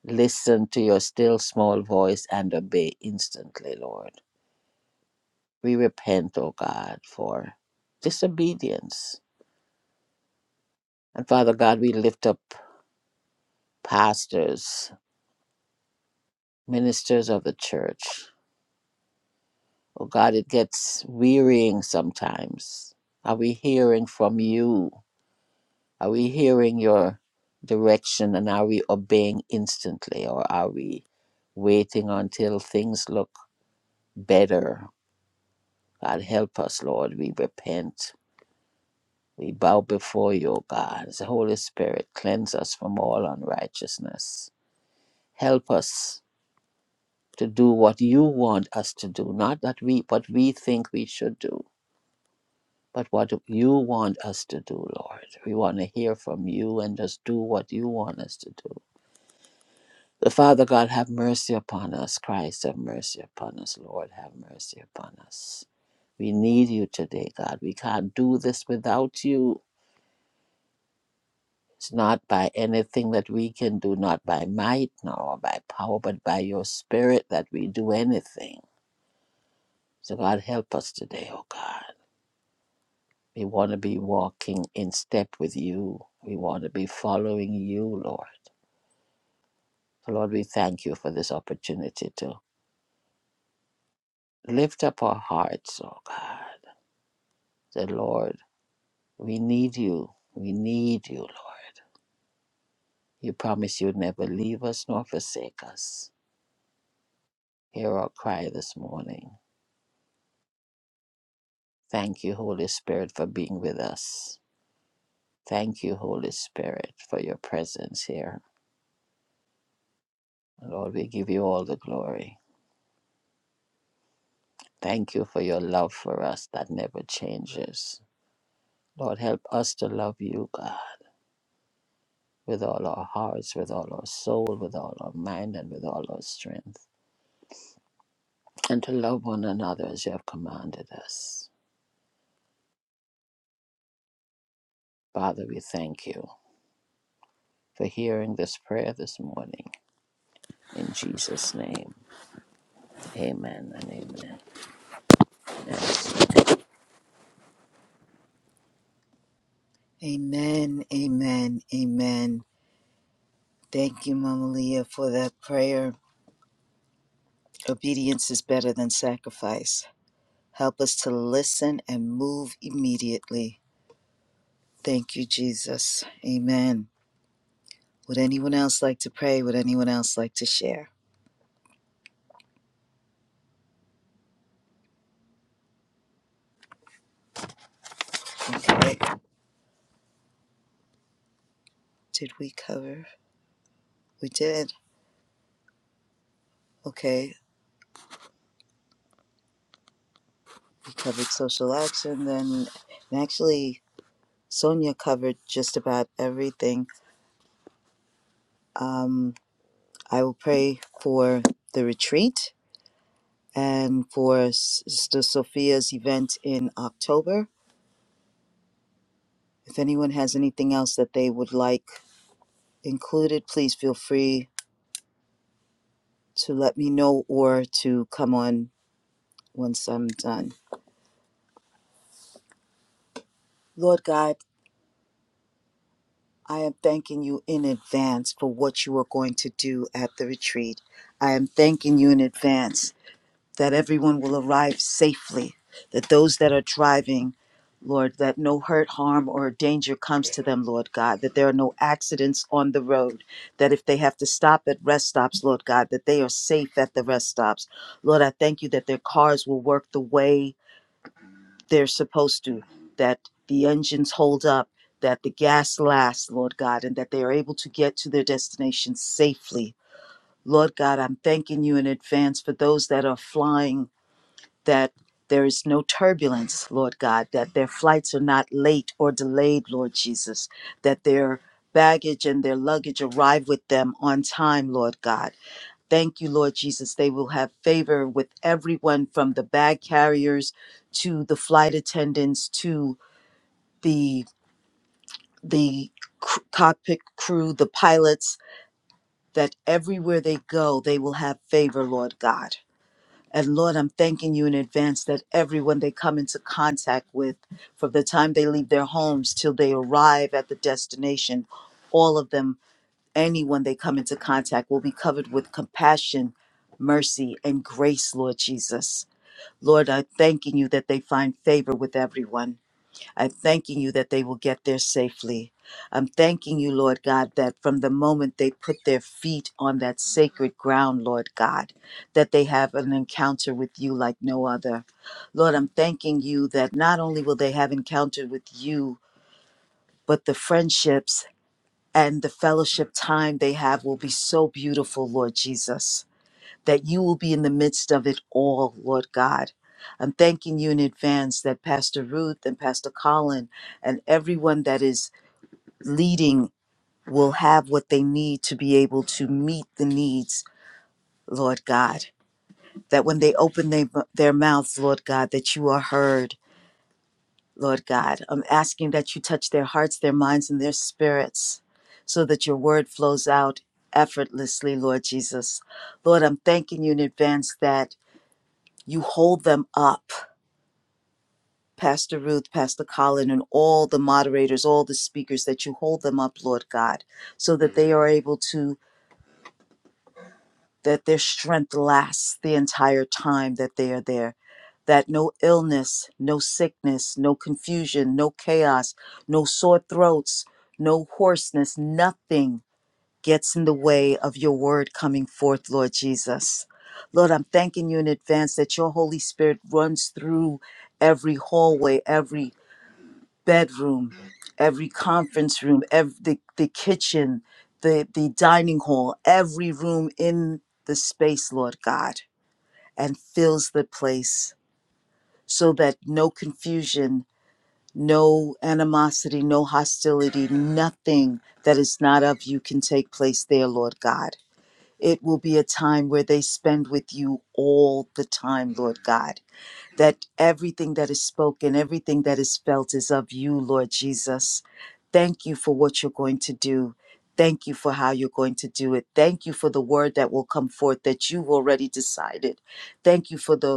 Speaker 2: listen to your still small voice and obey instantly, Lord. We repent, O God, for disobedience. And Father God, we lift up pastors, ministers of the church. Oh God, it gets wearying sometimes. Are we hearing from you? Are we hearing your direction and are we obeying instantly or are we waiting until things look better God, help us, Lord. We repent. We bow before you, O God. As the Holy Spirit, cleanse us from all unrighteousness. Help us to do what you want us to do, not that we what we think we should do, but what you want us to do, Lord. We want to hear from you and just do what you want us to do. The Father God, have mercy upon us. Christ, have mercy upon us. Lord, have mercy upon us. We need you today, God. We can't do this without you. It's not by anything that we can do, not by might nor by power, but by your spirit that we do anything. So, God, help us today, oh God. We want to be walking in step with you. We want to be following you, Lord. So, Lord, we thank you for this opportunity to lift up our hearts, oh God. Say, Lord, we need you. We need you, Lord. You promise you'd never leave us nor forsake us. Hear our cry this morning. Thank you, Holy Spirit, for being with us. Thank you, Holy Spirit, for your presence here. Lord, we give you all the glory. Thank you for your love for us that never changes. Lord, help us to love you, God, with all our hearts, with all our soul, with all our mind, and with all our strength, and to love one another as you have commanded us. Father, we thank you for hearing this prayer this morning. In Jesus' name, amen and amen.
Speaker 1: amen, amen, amen. Thank you, Mama Leah, for that prayer. Obedience is better than sacrifice. Help us to listen and move immediately. Thank you, Jesus. Amen. Would anyone else like to pray? Would anyone else like to share? Okay. Did we cover? We did. Okay. We covered social action then. And actually, Sonia covered just about everything. Um, I will pray for the retreat and for Sister Sophia's event in October. If anyone has anything else that they would like included, please feel free to let me know or to come on once I'm done. Lord God, I am thanking you in advance for what you are going to do at the retreat. I am thanking you in advance that everyone will arrive safely, that those that are driving, Lord, that no hurt, harm, or danger comes to them, Lord God, that there are no accidents on the road, that if they have to stop at rest stops, Lord God, that they are safe at the rest stops. Lord, I thank you that their cars will work the way they're supposed to, that the engines hold up. That the gas lasts, Lord God, and that they are able to get to their destination safely. Lord God, I'm thanking you in advance for those that are flying that there is no turbulence, Lord God, that their flights are not late or delayed, Lord Jesus, that their baggage and their luggage arrive with them on time, Lord God. Thank you, Lord Jesus. They will have favor with everyone from the bag carriers to the flight attendants to the the cr- cockpit crew, the pilots, that everywhere they go, they will have favor, Lord God And Lord, I'm thanking you in advance that everyone they come into contact with, from the time they leave their homes till they arrive at the destination, all of them, anyone they come into contact will be covered with compassion, mercy, and grace, Lord Jesus. Lord, I'm thanking you that they find favor with everyone. I'm thanking you that they will get there safely. I'm thanking you, Lord God, that from the moment they put their feet on that sacred ground, Lord God, that they have an encounter with you like no other. Lord, I'm thanking you that not only will they have encounter with you, but the friendships and the fellowship time they have will be so beautiful, Lord Jesus that you will be in the midst of it all, Lord God. I'm thanking you in advance that Pastor Ruth and Pastor Colin and everyone that is leading will have what they need to be able to meet the needs, Lord God. That when they open they, their mouths, Lord God, that you are heard, Lord God. I'm asking that you touch their hearts, their minds, and their spirits so that your word flows out effortlessly, Lord Jesus. Lord, I'm thanking you in advance that. you hold them up pastor ruth pastor colin and all the moderators all the speakers that you hold them up lord god so that they are able to that their strength lasts the entire time that they are there that no illness no sickness no confusion no chaos no sore throats no hoarseness nothing gets in the way of your word coming forth, Lord Jesus. Lord, I'm thanking you in advance that your Holy Spirit runs through every hallway, every bedroom, every conference room, every the, the kitchen, the, the dining hall, every room in the space, Lord God, and fills the place so that no confusion, no animosity, no hostility, nothing that is not of you can take place there, Lord God. It will be a time where they spend with you all the time, Lord God. That everything that is spoken, everything that is felt is of you, Lord Jesus. Thank you for what you're going to do. Thank you for how you're going to do it. Thank you for the word that will come forth that you've already decided. Thank you for the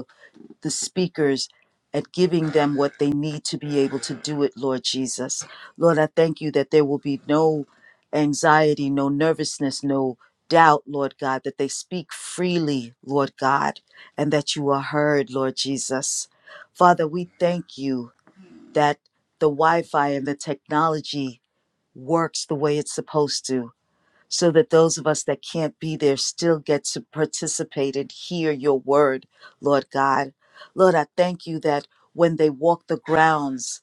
Speaker 1: the speakers at giving them what they need to be able to do it, Lord Jesus. Lord, I thank you that there will be no anxiety, no nervousness, no doubt, Lord God, that they speak freely, Lord God, and that you are heard, Lord Jesus. Father, we thank you that the Wi Fi and the technology works the way it's supposed to so that those of us that can't be there still get to participate and hear your word, Lord God. Lord, I thank you that when they walk the grounds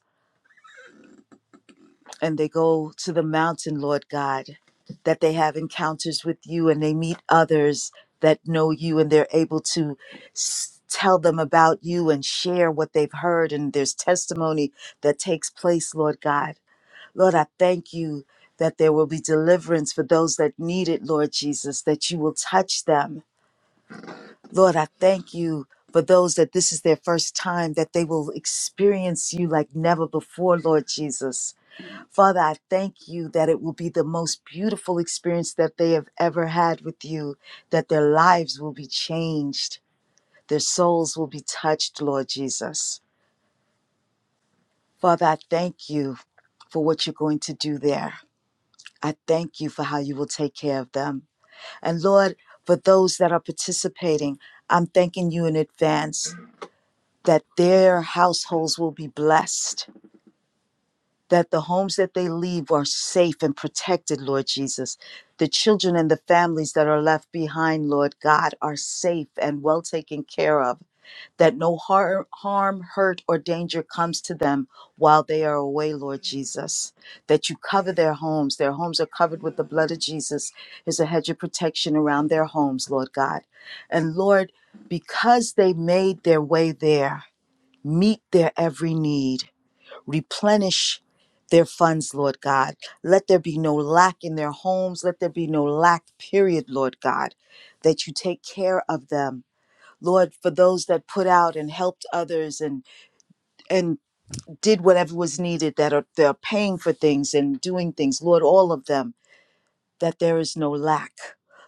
Speaker 1: and they go to the mountain, Lord God, that they have encounters with you and they meet others that know you and they're able to s- tell them about you and share what they've heard and there's testimony that takes place lord god Lord, I thank you that there will be deliverance for those that need it, Lord Jesus, that you will touch them. Lord, I thank you for those that this is their first time, that they will experience you like never before, Lord Jesus. Father, I thank you that it will be the most beautiful experience that they have ever had with you, that their lives will be changed, their souls will be touched, Lord Jesus. Father, I thank you for what you're going to do there. I thank you for how you will take care of them. And Lord, for those that are participating, I'm thanking you in advance that their households will be blessed, that the homes that they leave are safe and protected, Lord Jesus. The children and the families that are left behind, Lord God, are safe and well taken care of that no harm, harm, hurt, or danger comes to them while they are away, Lord Jesus. That you cover their homes. Their homes are covered with the blood of Jesus. There's a hedge of protection around their homes, Lord God. And Lord, because they made their way there, meet their every need, replenish their funds, Lord God. Let there be no lack in their homes. Let there be no lack, period, Lord God. That you take care of them Lord, for those that put out and helped others and and did whatever was needed, that are they're paying for things and doing things, Lord, all of them, that there is no lack.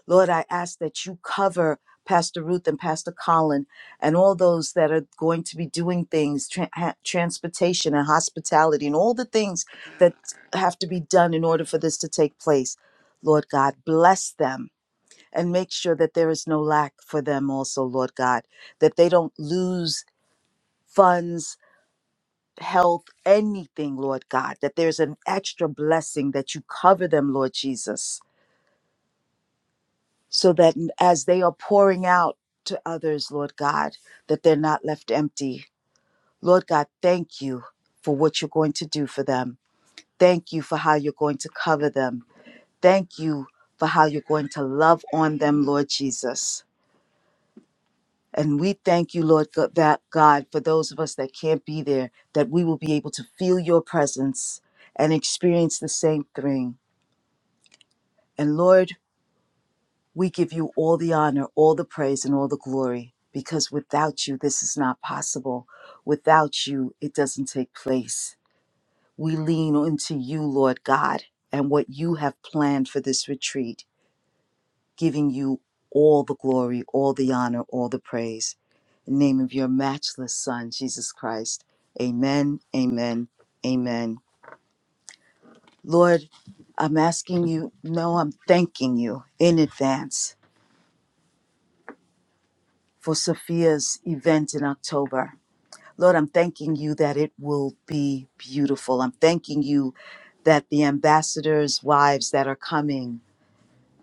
Speaker 1: Lord, I ask that you cover Pastor Ruth and Pastor Colin and all those that are going to be doing things, tra- ha- transportation and hospitality and all the things that have to be done in order for this to take place. Lord God, bless them and make sure that there is no lack for them also, Lord God, that they don't lose funds, health, anything, Lord God, that there's an extra blessing that you cover them, Lord Jesus, so that as they are pouring out to others, Lord God, that they're not left empty. Lord God, thank you for what you're going to do for them. Thank you for how you're going to cover them. Thank you for how you're going to love on them, Lord Jesus. And we thank you, Lord God, that God, for those of us that can't be there, that we will be able to feel your presence and experience the same thing. And Lord, we give you all the honor, all the praise, and all the glory, because without you, this is not possible. Without you, it doesn't take place. We lean into you, Lord God, and what you have planned for this retreat. giving you all the glory, all the honor, all the praise. In the name of your matchless Son, Jesus Christ. Amen, amen, amen. Lord, I'm asking you, no, I'm thanking you in advance for Sophia's event in October. Lord, I'm thanking you that it will be beautiful. I'm thanking you that the ambassadors' wives that are coming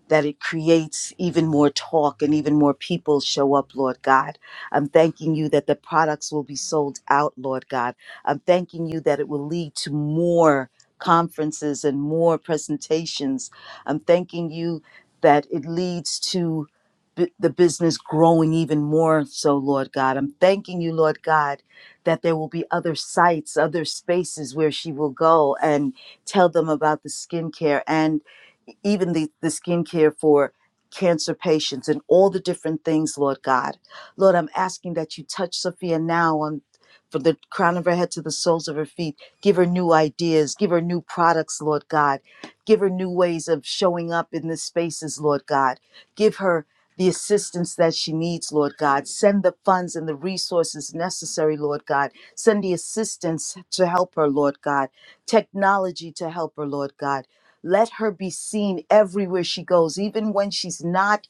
Speaker 1: that it creates even more talk and even more people show up, Lord God. I'm thanking you that the products will be sold out, Lord God. I'm thanking you that it will lead to more conferences and more presentations. I'm thanking you that it leads to bu- the business growing even more so, Lord God. I'm thanking you, Lord God, that there will be other sites, other spaces where she will go and tell them about the skincare and even the, the skincare for cancer patients and all the different things, Lord God. Lord, I'm asking that you touch Sophia now on from the crown of her head to the soles of her feet. Give her new ideas, give her new products, Lord God. Give her new ways of showing up in the spaces, Lord God. Give her the assistance that she needs, Lord God. Send the funds and the resources necessary, Lord God. Send the assistance to help her, Lord God. Technology to help her, Lord God let her be seen everywhere she goes, even when she's not,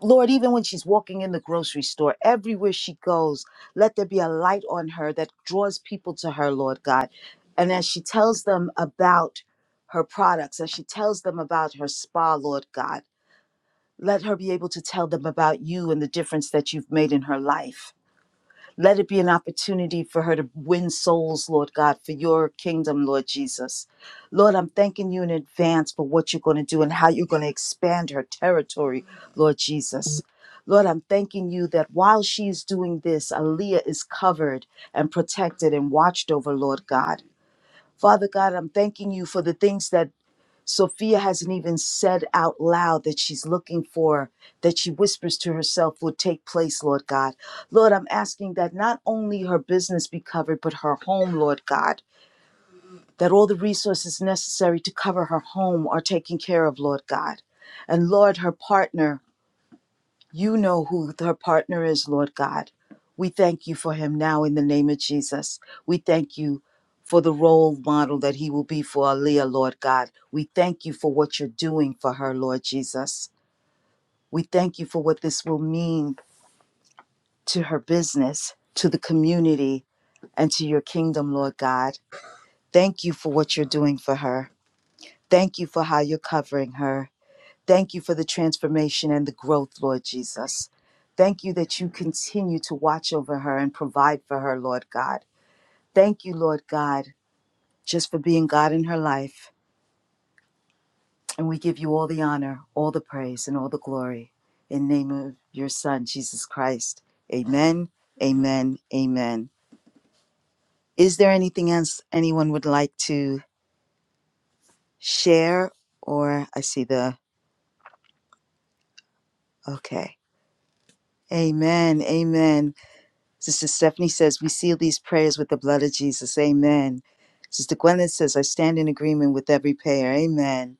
Speaker 1: Lord, even when she's walking in the grocery store, everywhere she goes, let there be a light on her that draws people to her, Lord God. And as she tells them about her products, as she tells them about her spa, Lord God, let her be able to tell them about you and the difference that you've made in her life let it be an opportunity for her to win souls, Lord God, for your kingdom, Lord Jesus. Lord, I'm thanking you in advance for what you're going to do and how you're going to expand her territory, Lord Jesus. Lord, I'm thanking you that while she's doing this, Aaliyah is covered and protected and watched over, Lord God. Father God, I'm thanking you for the things that Sophia hasn't even said out loud that she's looking for, that she whispers to herself will take place, Lord God. Lord, I'm asking that not only her business be covered, but her home, Lord God, that all the resources necessary to cover her home are taken care of, Lord God. And Lord, her partner, you know who her partner is, Lord God. We thank you for him now in the name of Jesus. We thank you for the role model that he will be for Aaliyah, Lord God. We thank you for what you're doing for her, Lord Jesus. We thank you for what this will mean to her business, to the community, and to your kingdom, Lord God. Thank you for what you're doing for her. Thank you for how you're covering her. Thank you for the transformation and the growth, Lord Jesus. Thank you that you continue to watch over her and provide for her, Lord God. Thank you, Lord God, just for being God in her life. And we give you all the honor, all the praise, and all the glory in the name of your Son, Jesus Christ. Amen, amen, amen. Is there anything else anyone would like to share? Or I see the, okay. Amen, amen. Sister Stephanie says, We seal these prayers with the blood of Jesus. Amen. Sister Gwyneth says, I stand in agreement with every prayer. Amen.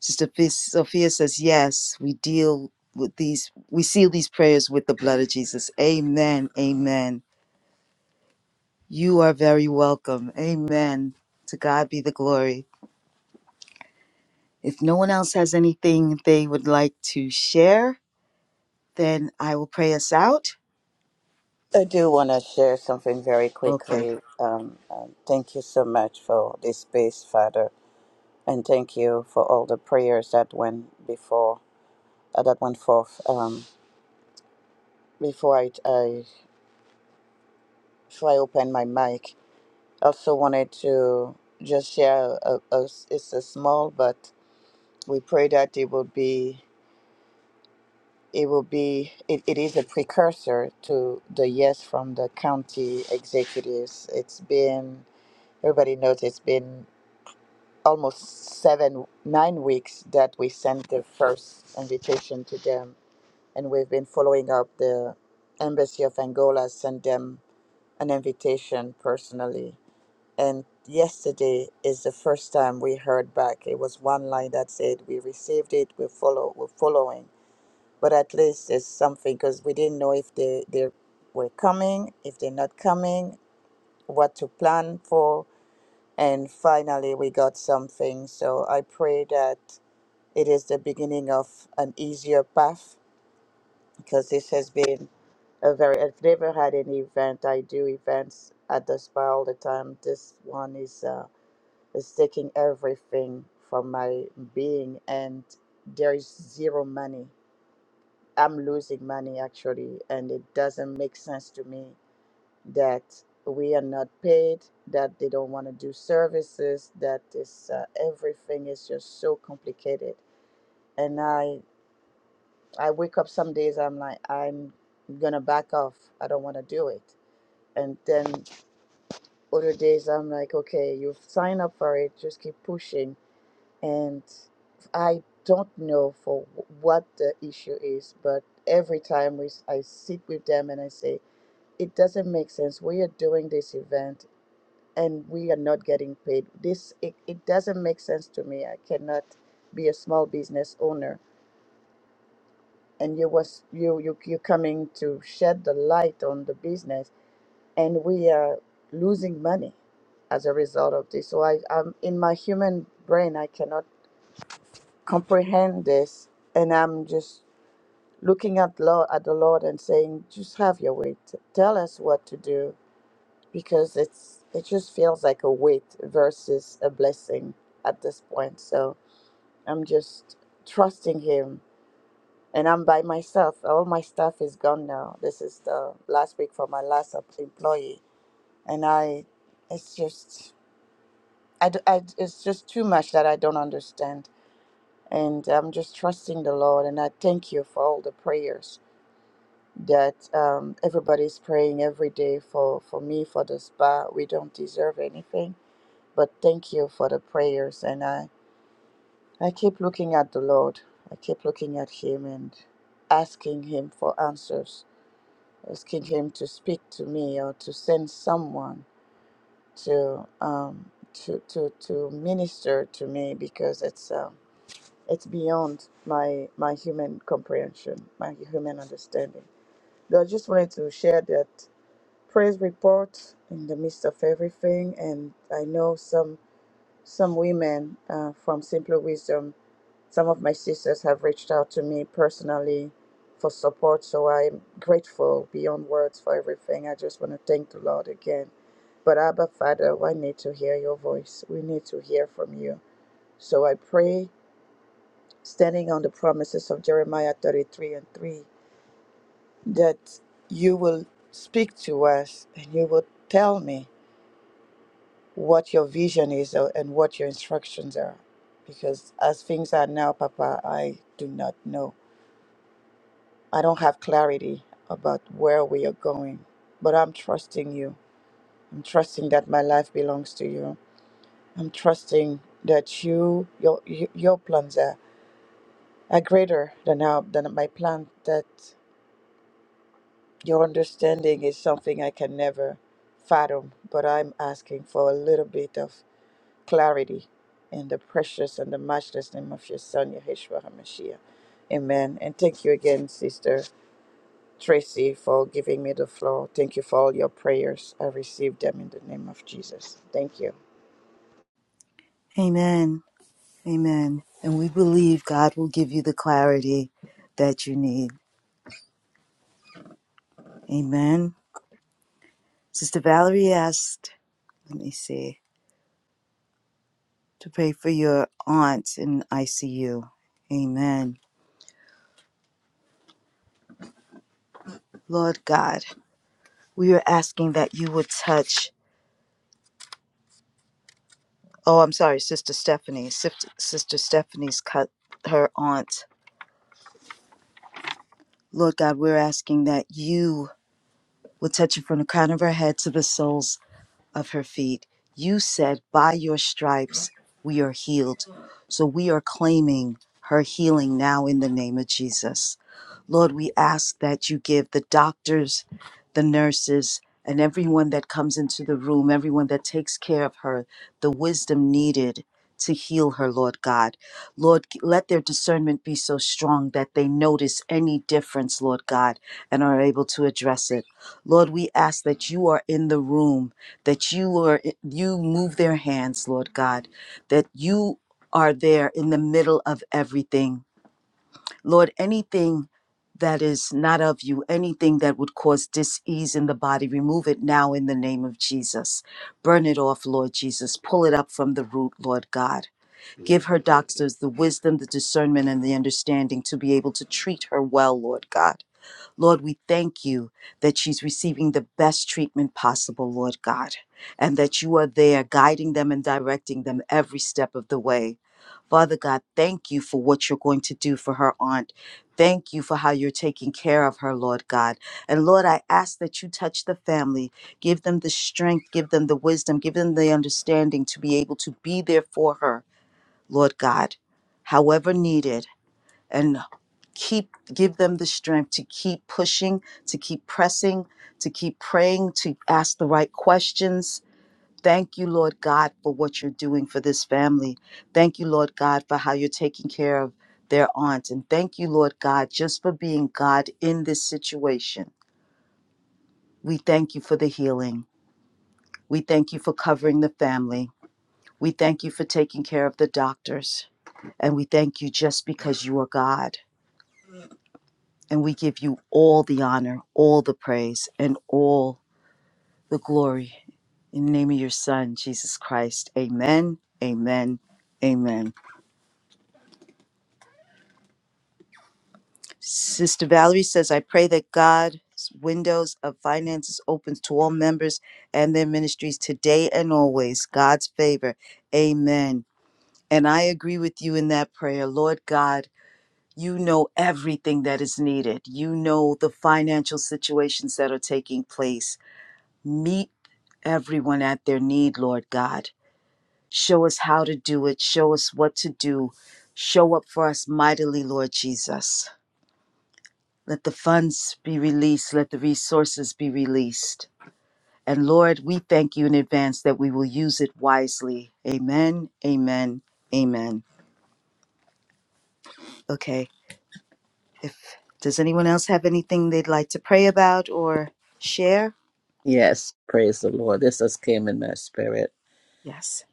Speaker 1: Sister Fe- Sophia says, Yes, we deal with these, we seal these prayers with the blood of Jesus. Amen. Amen. You are very welcome. Amen. To God be the glory. If no one else has anything they would like to share, then I will pray us out.
Speaker 3: I do want to share something very
Speaker 1: Okay.
Speaker 3: quickly. Um, um, thank you so much for this space, Father, and thank you for all the prayers that went before, uh, that went forth. Um, before I, I before I open my mic, I also wanted to just share. A, a, it's a small, but we pray that it will be. It will be. It, it is a precursor to the yes from the county executives. It's been. Everybody knows it's been almost seven, nine weeks that we sent the first invitation to them, and we've been following up. The embassy of Angola sent them an invitation personally And yesterday is the first time we heard back. It was one line that said, "We received it. We follow. We're following." But at least it's something because we didn't know if they they were coming, if they're not coming, what to plan for. And finally, we got something. So I pray that it is the beginning of an easier path because this has been a very. I've never had an event. I do events at the spa all the time. This one is. Uh, Is taking everything from my being, and there is zero money. I'm losing money actually, and it doesn't make sense to me that we are not paid, that they don't want to do services, that is uh, everything is just so complicated. And I I wake up some days I'm like I'm gonna back off. I don't want to do it. And then other days I'm like, okay, you've signed up for it, just keep pushing and I don't know for wh- what the issue is, but every time we, s- I sit with them and I say, it doesn't make sense. We are doing this event and we are not getting paid. This it, it doesn't make sense to me. I cannot be a small business owner. And you was you you you're coming to shed the light on the business, and we are losing money as a result of this. So I, I'm in my human brain, I cannot comprehend this and i'm just looking at lord at the lord and saying just have your way T- tell us what to do because it's it just feels like a weight versus a blessing at this point so i'm just trusting him and i'm by myself all my stuff is gone now this is the last week for my last em- employee and i it's just I, d- I d- it's just too much that i don't understand And I'm just trusting the Lord. And I thank you for all the prayers that um, everybody's praying every day for, for me, for the spa. We don't deserve anything, but thank you for the prayers. And I, I keep looking at the Lord, I keep looking at Him and asking Him for answers, asking Him to speak to me or to send someone to. Um, to, to, to minister to me because it's um, it's beyond my my human comprehension, my human understanding. So I just wanted to share that praise report in the midst of everything, and I know some some women uh, from Simple Wisdom, some of my sisters have reached out to me personally for support. So I'm grateful beyond words for everything. I just want to thank the Lord again. But Abba Father, I need to hear your voice. We need to hear from you. So I pray standing on the promises of Jeremiah 33 and 3, that you will speak to us and you will tell me what your vision is uh, and what your instructions are. Because as things are now, Papa, I do not know. I don't have clarity about where we are going, but I'm trusting you. I'm trusting that my life belongs to you. I'm trusting that you, your, your plans are, are greater than, our, than my plan that Your understanding is something I can never fathom, but I'm asking for a little bit of clarity in the precious and the matchless name of your son, Yeshua HaMashiach. Amen. And thank you again, Sister Tracy, for giving me the floor. Thank you for all your prayers. I received them in the name of Jesus. Thank you.
Speaker 1: Amen. Amen. And we believe God will give you the clarity that you need. Amen. Sister Valerie asked, let me see, to pray for your aunt in ICU. Amen. Lord God, we are asking that you would touch. Oh, I'm sorry, Sister Stephanie. Sif- Sister Stephanie's cut her aunt. Lord God, we're asking that you would touch her from the crown of her head to the soles of her feet. You said, By your stripes we are healed. So we are claiming her healing now in the name of Jesus. Lord, we ask that you give the doctors, the nurses, and everyone that comes into the room, everyone that takes care of her, the wisdom needed to heal her, Lord God. Lord, let their discernment be so strong that they notice any difference, Lord God, and are able to address it. Lord, we ask that you are in the room, that you are eh, you move their hands, Lord God, that you are there in the middle of everything Lord, anything that is not of you, anything that would cause dis-ease in the body, remove it now in the name of Jesus. Burn it off, Lord Jesus. Pull it up from the root, Lord God. Give her doctors the wisdom, the discernment, and the understanding to be able to treat her well, Lord God. Lord, we thank you that she's receiving the best treatment possible, Lord God, and that you are there guiding them and directing them every step of the way. Father God, thank you for what you're going to do for her aunt. Thank you for how you're taking care of her, Lord God. And Lord, I ask that you touch the family, give them the strength, give them the wisdom, give them the understanding to be able to be there for her, Lord God, however needed and keep give them the strength to keep pushing to keep pressing to keep praying to ask the right questions thank you lord god for what you're doing for this family thank you lord god for how you're taking care of their aunt and thank you lord god just for being god in this situation we thank you for the healing we thank you for covering the family we thank you for taking care of the doctors and we thank you just because you are god And we give you all the honor, all the praise, and all the glory. In the name of your Son, Jesus Christ. Amen. Amen. Amen. Sister Valerie says, I pray that God's windows of finances opens to all members and their ministries today and always. God's favor. Amen. And I agree with you in that prayer. Lord God, you know everything that is needed. You know the financial situations that are taking place. Meet everyone at their need, Lord God. Show us how to do it. Show us what to do. Show up for us mightily, Lord Jesus. Let the funds be released. Let the resources be released. And Lord, we thank you in advance that we will use it wisely. Amen, amen, amen. Okay. If does anyone else have anything they'd like to pray about or share?
Speaker 2: Yes, praise the Lord. This just came in my spirit.
Speaker 1: Yes.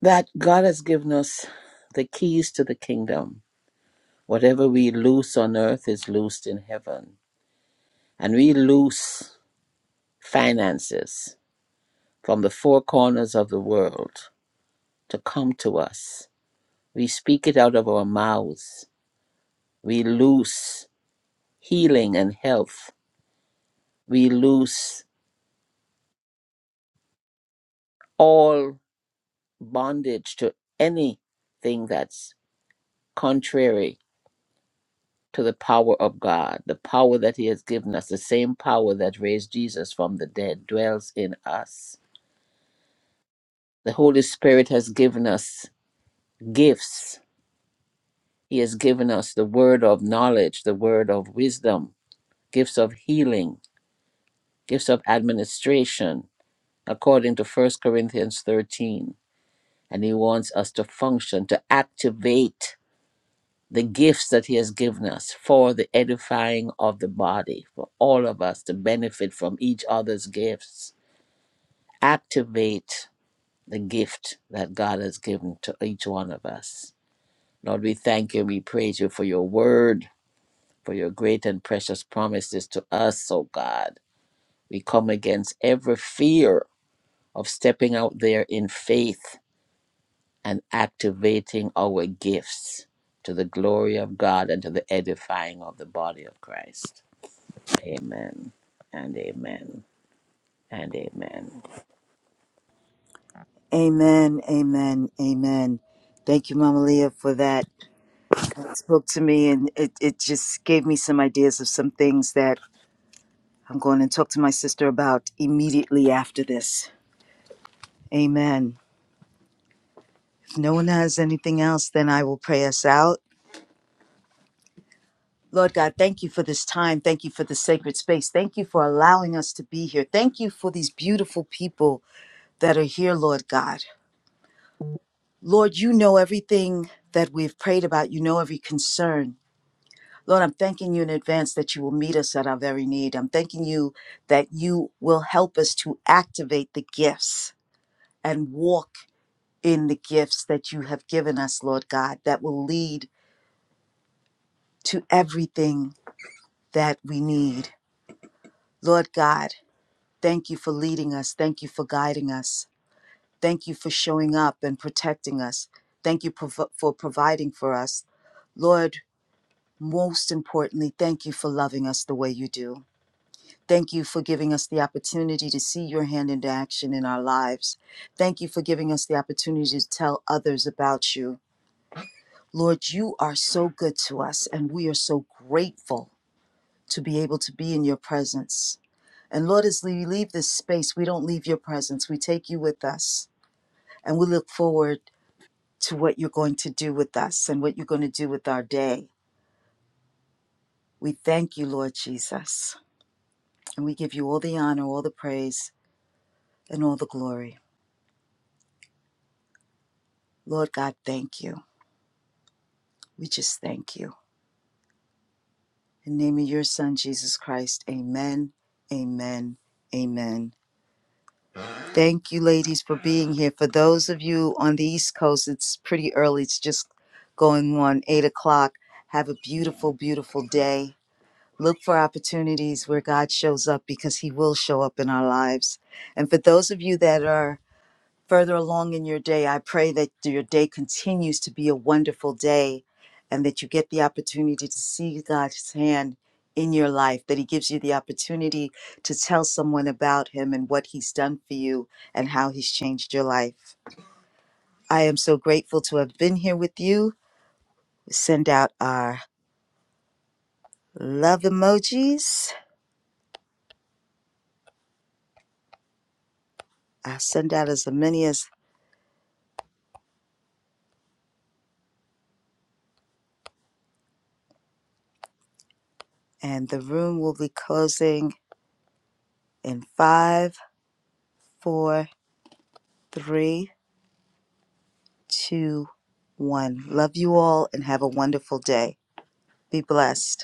Speaker 2: That God has given us the keys to the kingdom. Whatever we loose on earth is loosed in heaven. And we loose finances from the four corners of the world to come to us. We speak it out of our mouths. We loose healing and health. We loose all bondage to anything that's contrary to the power of God, the power that He has given us, the same power that raised Jesus from the dead dwells in us. The Holy Spirit has given us gifts. He has given us the word of knowledge, the word of wisdom, gifts of healing, gifts of administration, according to First Corinthians 13. And He wants us to function, to activate the gifts that He has given us for the edifying of the body, for all of us to benefit from each other's gifts. Activate the gift that God has given to each one of us. Lord, we thank you and we praise you for your word, for your great and precious promises to us, O God. We come against every fear of stepping out there in faith and activating our gifts to the glory of God and to the edifying of the body of Christ. Amen and amen and amen.
Speaker 1: Amen, amen, amen. Thank you, Mama Leah, for that God spoke to me and it, it just gave me some ideas of some things that I'm going to talk to my sister about immediately after this. Amen. If no one has anything else, then I will pray us out. Lord God, thank you for this time. Thank you for this sacred space. Thank you for allowing us to be here. Thank you for these beautiful people that are here, Lord God. Lord, you know everything that we've prayed about. You know every concern. Lord, I'm thanking you in advance that you will meet us at our very need. I'm thanking you that you will help us to activate the gifts and walk in the gifts that you have given us, Lord God, that will lead to everything that we need. Lord God, thank you for leading us. Thank you for guiding us. Thank you for showing up and protecting us. Thank you prov- for providing for us. Lord, most importantly, thank you for loving us the way you do. Thank you for giving us the opportunity to see your hand into action in our lives. Thank you for giving us the opportunity to tell others about you. Lord, you are so good to us, and we are so grateful to be able to be in your presence. And Lord, as we leave this space, we don't leave your presence. We take you with us, and we look forward to what you're going to do with us and what you're going to do with our day. We thank you, Lord Jesus, and we give you all the honor, all the praise, and all the glory. Lord God, thank you. We just thank you. In the name of your Son, Jesus Christ, amen, amen, amen. Thank you, ladies, for being here. For those of you on the East Coast, it's pretty early. It's just going on 8 o'clock. Have a beautiful, beautiful day. Look for opportunities where God shows up because He will show up in our lives. And for those of you that are further along in your day. I pray that your day continues to be a wonderful day and that you get the opportunity to see God's hand in your life, that He gives you the opportunity to tell someone about Him and what He's done for you and how He's changed your life. I am so grateful to have been here with you. Send out our love emojis. I'll send out as many as, and the room will be closing in five, four, three two, one. Love you all and have a wonderful day. Be blessed.